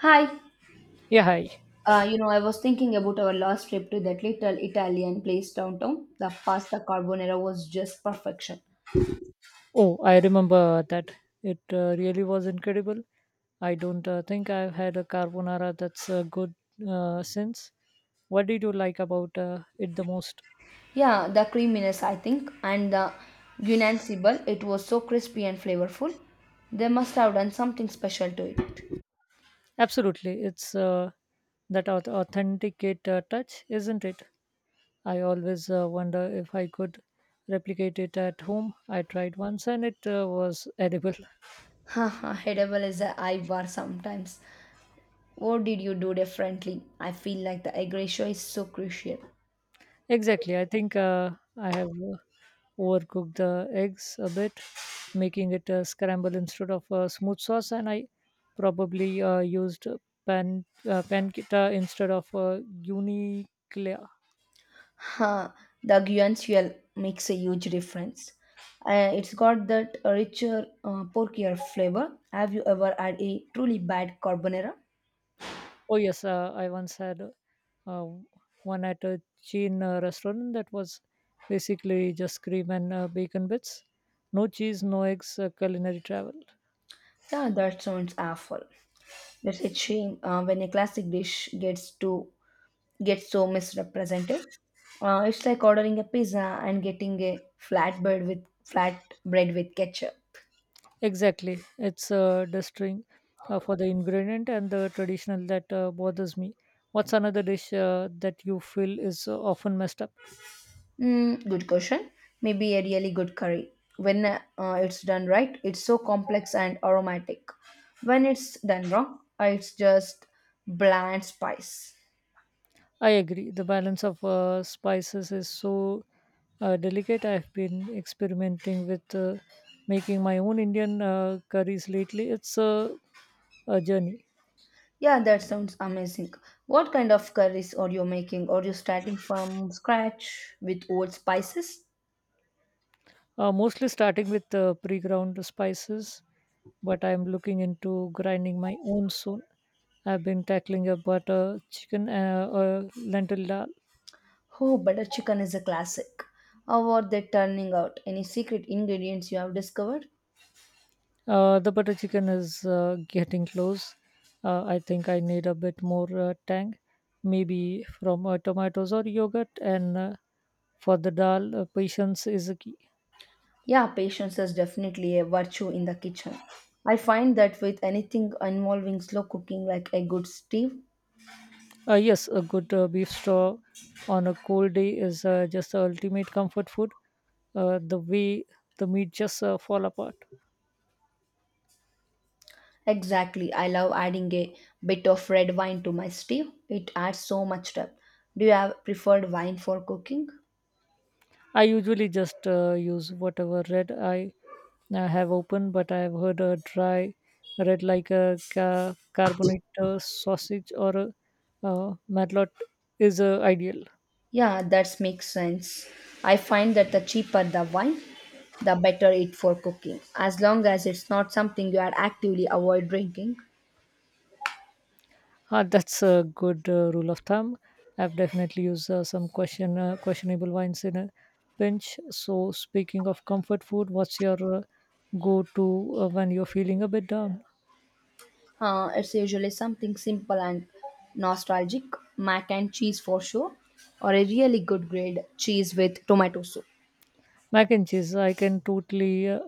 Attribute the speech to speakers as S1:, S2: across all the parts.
S1: Hi.
S2: Yeah, hi.
S1: I was thinking about our last trip to that little Italian place downtown. The pasta carbonara was just perfection.
S2: Oh, I remember that. It really was incredible. I don't think I've had a carbonara that's good since. What did you like about it the most?
S1: Yeah, the creaminess, I think, and the guinansibel, it was so crispy and flavorful. They must have done something special to it.
S2: Absolutely. It's that authenticate touch, isn't it? I always wonder if I could replicate it at home. I tried once and it was edible.
S1: Haha, edible is a high bar sometimes. What did you do differently? I feel like the egg ratio is so crucial.
S2: Exactly. I think I have. Overcook the eggs a bit, making it a scramble instead of a smooth sauce. And I probably used pancetta instead of uniclea.
S1: Huh, the Guyan fuel makes a huge difference. It's got that richer, porkier flavor. Have you ever had a truly bad carbonara?
S2: Oh yes, I once had uh, one at a Chin restaurant that was basically just cream and bacon bits, no cheese, no eggs. Culinary travel.
S1: Yeah, that sounds awful. It's a shame when a classic dish gets so misrepresented. It's like ordering a pizza and getting a flat bread with ketchup.
S2: Exactly. It's distring for the ingredient and the traditional that bothers me. What's another dish that you feel is often messed up?
S1: Mm, good question. Maybe a really good curry. When it's done right, it's so complex and aromatic. When it's done wrong, it's just bland spice.
S2: I agree. The balance of spices is so delicate. I've been experimenting with making my own Indian curries lately. It's a journey.
S1: Yeah, that sounds amazing. What kind of curries are you making? Are you starting from scratch with old spices?
S2: Mostly starting with pre-ground spices, but I'm looking into grinding my own soon. I've been tackling a butter chicken, lentil dal.
S1: Oh, butter chicken is a classic. How are they turning out? Any secret ingredients you have discovered?
S2: The butter chicken is getting close. I think I need a bit more tang, maybe from tomatoes or yogurt. And for the dal, patience is a key.
S1: Yeah, patience is definitely a virtue in the kitchen. I find that with anything involving slow cooking, like a good stew.
S2: Yes, a good beef straw on a cold day is just the ultimate comfort food. The way the meat just fall apart.
S1: Exactly, I love adding a bit of red wine to my stew. It adds so much depth. Do you have preferred wine for cooking?
S2: I usually just use whatever red I have open, but I have heard a dry red like a carbonate sausage or a matlock is ideal.
S1: Yeah, that makes sense. I find that the cheaper the wine, the better it for cooking, as long as it's not something you are actively avoid drinking.
S2: Ah, that's a good rule of thumb. I've definitely used some questionable wines in a pinch. So, speaking of comfort food, what's your go to when you're feeling a bit down?
S1: It's usually something simple and nostalgic, mac and cheese for sure, or a really good grade cheese with tomato soup.
S2: Mac and cheese, I can totally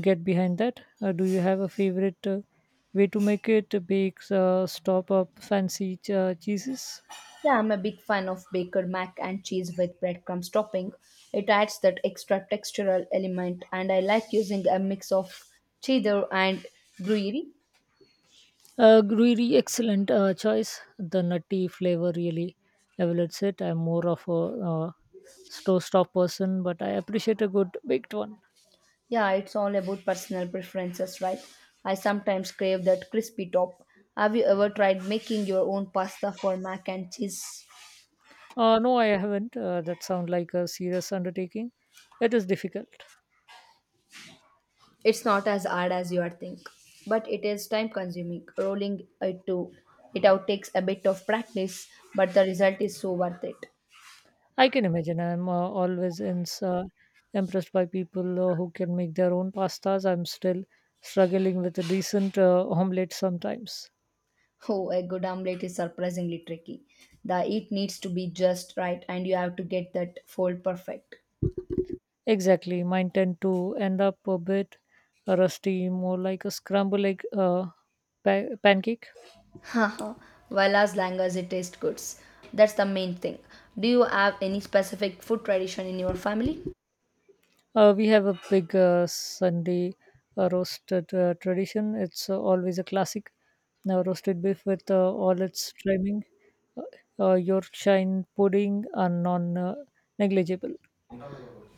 S2: get behind that. Do you have a favorite way to make it? Bakes, stop up fancy cheeses?
S1: Yeah, I'm a big fan of baker mac and cheese with breadcrumbs topping. It adds that extra textural element, and I like using a mix of cheddar and gruyere.
S2: Really excellent choice. The nutty flavor really elevates it. I'm more of a slow stop person, but I appreciate a good baked one.
S1: Yeah, it's all about personal preferences, right? I sometimes crave that crispy top. Have you ever tried making your own pasta for mac and cheese?
S2: No, I haven't. That sounds like a serious undertaking. It is difficult.
S1: It's not as hard as you would think, but it is time consuming. Rolling it out takes a bit of practice, but the result is so worth it.
S2: I can imagine. I'm always ins impressed by people who can make their own pastas. I'm still struggling with a decent omelette sometimes.
S1: Oh, a good omelette is surprisingly tricky. The heat needs to be just right, and you have to get that fold perfect.
S2: Exactly. Mine tend to end up a bit rusty, more like a scramble egg pancake.
S1: Haha, well, as long as it tastes good. That's the main thing. Do you have any specific food tradition in your family?
S2: We have a big Sunday roasted tradition. It's always a classic. Now, roasted beef with all its trimming, uh, Yorkshire pudding are non negligible.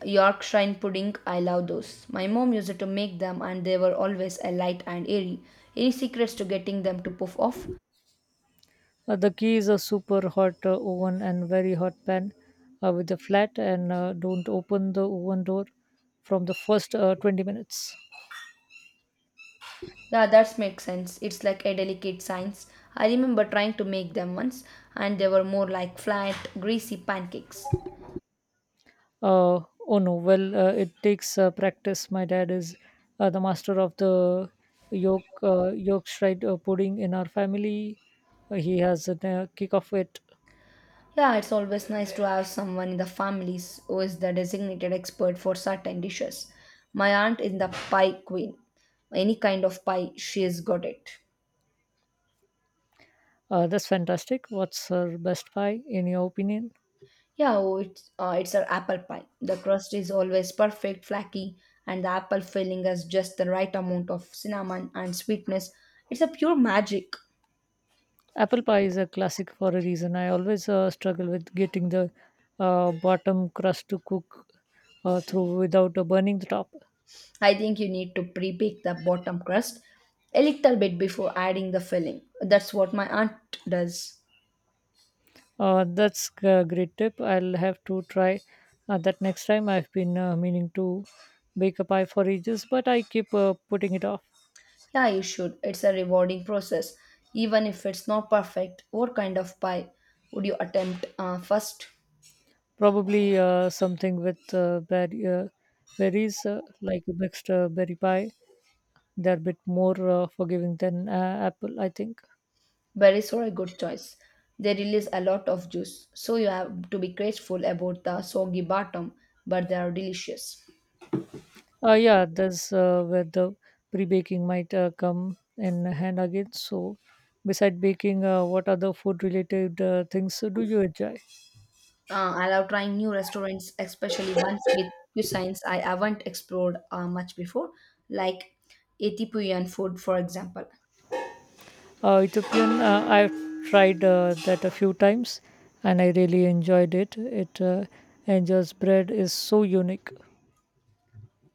S1: Yorkshire pudding, I love those. My mom used to make them and they were always a light and airy. Any secrets to getting them to puff off?
S2: The key is a super hot oven and very hot pan with a flat and don't open the oven door from the first 20 minutes.
S1: Yeah, that makes sense. It's like a delicate science. I remember trying to make them once and they were more like flat, greasy pancakes.
S2: Uh, oh no, well, it takes practice. My dad is the master of the yolk, Yorkshire pudding in our family. He has a kick of it.
S1: Yeah, it's always nice to have someone in the families who is the designated expert for certain dishes. My aunt is the pie queen. Any kind of pie, she has got it.
S2: That's fantastic. What's her best pie, in your opinion?
S1: Yeah, oh, it's an apple pie. The crust is always perfect, flaky, and the apple filling has just the right amount of cinnamon and sweetness. It's a pure magic.
S2: Apple pie is a classic for a reason. I always struggle with getting the bottom crust to cook through without burning the top.
S1: I think you need to pre-bake the bottom crust a little bit before adding the filling. That's what my aunt does.
S2: That's a great tip. I'll have to try that next time. I've been meaning to bake a pie for ages, but I keep putting it off.
S1: Yeah, you should. It's a rewarding process, even if it's not perfect. What kind of pie would you attempt first?
S2: Probably something with berries, like a mixed berry pie. They're a bit more forgiving than apple, I think.
S1: Berries are a good choice. They release a lot of juice, so you have to be grateful about the soggy bottom, but they are delicious.
S2: Yeah, that's where the pre-baking might come in hand again. So, beside baking, what other food-related things do you enjoy?
S1: I love trying new restaurants, especially ones with cuisines I haven't explored much before, like Ethiopian food, for example.
S2: Ethiopian, I've tried that a few times, and I really enjoyed it. It Angel's bread is so unique.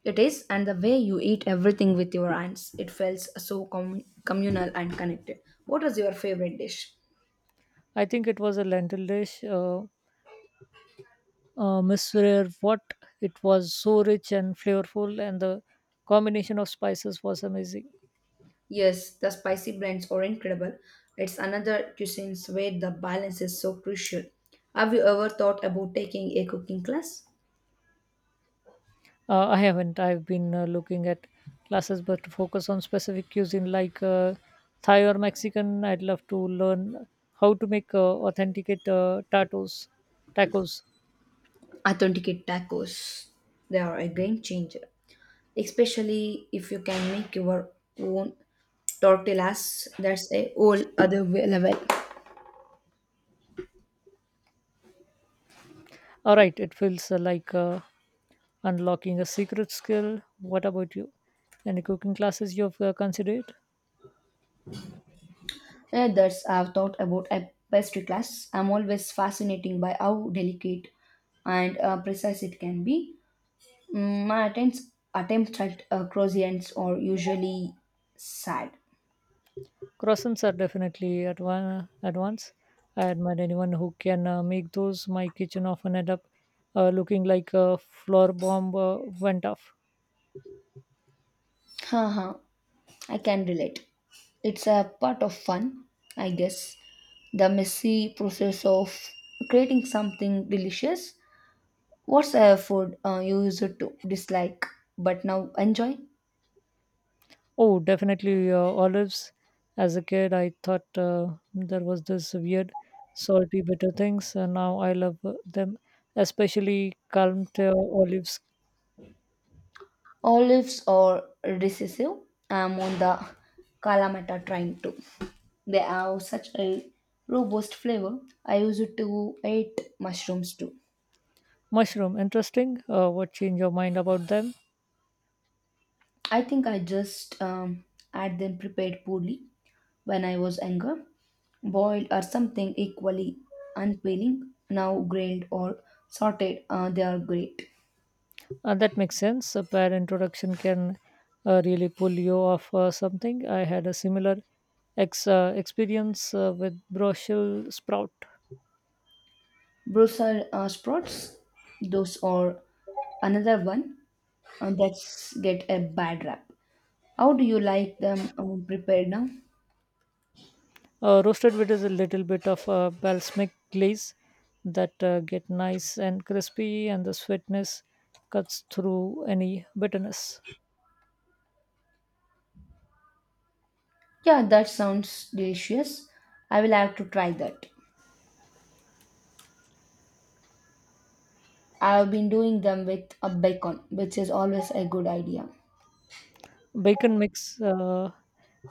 S1: It is, and the way you eat everything with your hands, it feels so communal and connected. What was your favorite dish?
S2: I think it was a lentil dish. Miss Rare, what it was so rich and flavorful, and the combination of spices was amazing.
S1: Yes, the spicy blends are incredible. It's another cuisine where the balance is so crucial. Have you ever thought about taking a cooking class?
S2: I haven't. I've been looking at classes, but to focus on specific cuisine like Thai or Mexican. I'd love to learn how to make authenticate tacos. Tacos.
S1: Authenticate tacos. They are a game changer, especially if you can make your own tortillas. That's a whole other level.
S2: All right. It feels like unlocking a secret skill. What about you? Any cooking classes you've considered?
S1: Others have thought about a pastry class. I'm always fascinated by how delicate and precise it can be. Mm, attempts at croissants are usually sad.
S2: Croissants are definitely at one advance. I admire anyone who can make those. My kitchen often end up looking like a floor bomb went off.
S1: Haha, I can relate. It's a part of fun, I guess. The messy process of creating something delicious. What's a food you used to dislike but now enjoy?
S2: Oh, definitely olives. As a kid, I thought there was this weird salty bitter things, and now I love them, especially calmed olives.
S1: Olives are recessive. I'm on the Kalamata train too. They have such a robust flavor. I used to eat mushrooms too.
S2: Mushroom, interesting. What changed your mind about them?
S1: I think I just had them prepared poorly when I was younger, boiled or something equally unappealing. Now grilled or sautéed, they are great.
S2: And that makes sense. A bad introduction can really pull you off something. I had a similar experience with Brussels sprout.
S1: Brussels sprouts, those are another one that's get a bad rap. How do you like them prepared now?
S2: Roasted wheat is a little bit of a balsamic glaze that get nice and crispy, and the sweetness cuts through any bitterness.
S1: Yeah, that sounds delicious. I will have to try that. I have been doing them with a bacon, which is always a good idea.
S2: Bacon makes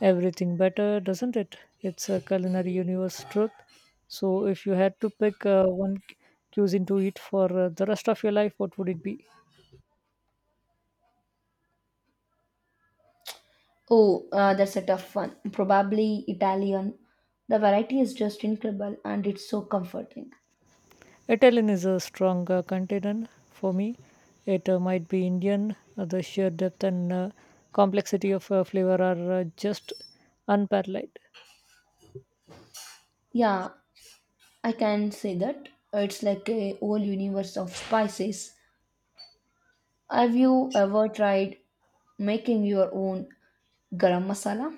S2: everything better, doesn't it? It's a culinary universe truth. So, if you had to pick one cuisine to eat for the rest of your life, what would it be?
S1: Oh, that's a tough one. Probably Italian. The variety is just incredible and it's so comforting.
S2: Italian is a strong contender for me. It might be Indian. The sheer depth and complexity of flavor are just unparalleled.
S1: Yeah, I can say that. It's like a whole universe of spices. Have you ever tried making your own garam masala?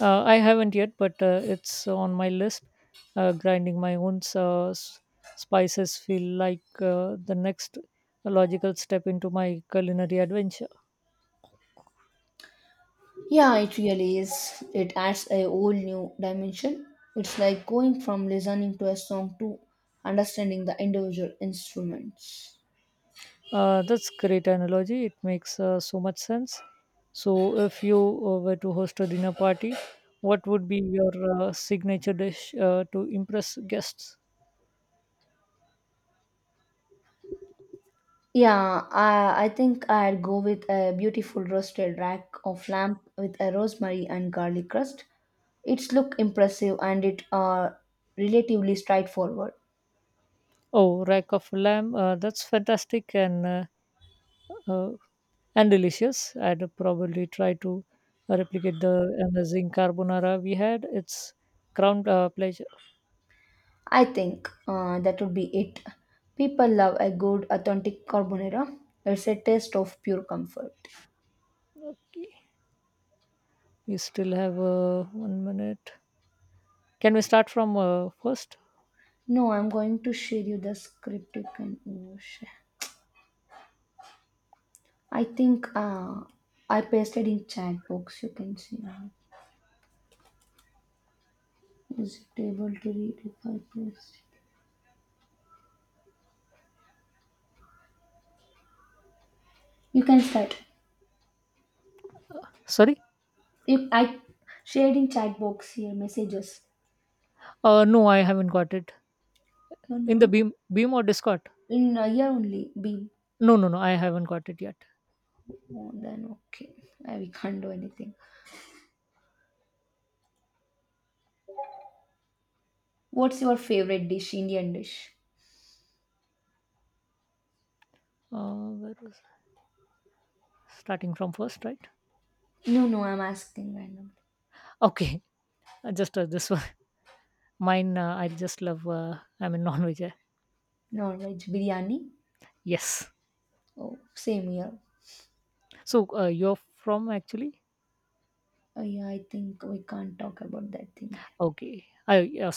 S2: I haven't yet, but it's on my list. Grinding my own spices feel like the next logical step into my culinary adventure.
S1: Yeah, it really is. It adds a whole new dimension. It's like going from listening to a song to understanding the individual instruments.
S2: That's great analogy. It makes so much sense. So, if you were to host a dinner party, what would be your signature dish to impress guests?
S1: Yeah, I think I'd go with a beautiful roasted rack of lamb with a rosemary and garlic crust. Its look impressive and it relatively straightforward.
S2: Oh, rack of lamb. That's fantastic uh, and delicious. I'd probably try to replicate the amazing carbonara we had. It's crown pleasure.
S1: I think that would be it. People love a good authentic carbonara. It's a taste of pure comfort.
S2: Okay, we still have 1 minute. Can we start from first?
S1: No, I'm going to share you the script. You can oh, share. I think I pasted in chat box. You can see. Is it able to read if I paste? You can start.
S2: Sorry.
S1: If I shared in chat box here messages.
S2: No, I haven't got it.
S1: You
S2: In the
S1: know,
S2: Beam or Discord?
S1: in a year only. Be
S2: No, I haven't got it yet.
S1: oh, then okay. We can't do anything. What's your favorite dish? Indian dish?
S2: Where was starting from first, right?
S1: No, no. I'm asking randomly.
S2: Okay, just this one. Mine, I just love. I'm a non-veg.
S1: Non veg biryani.
S2: Yes.
S1: Oh, same here.
S2: So you're from actually?
S1: Oh yeah. I think we can't talk about that thing here.
S2: Okay. I yeah,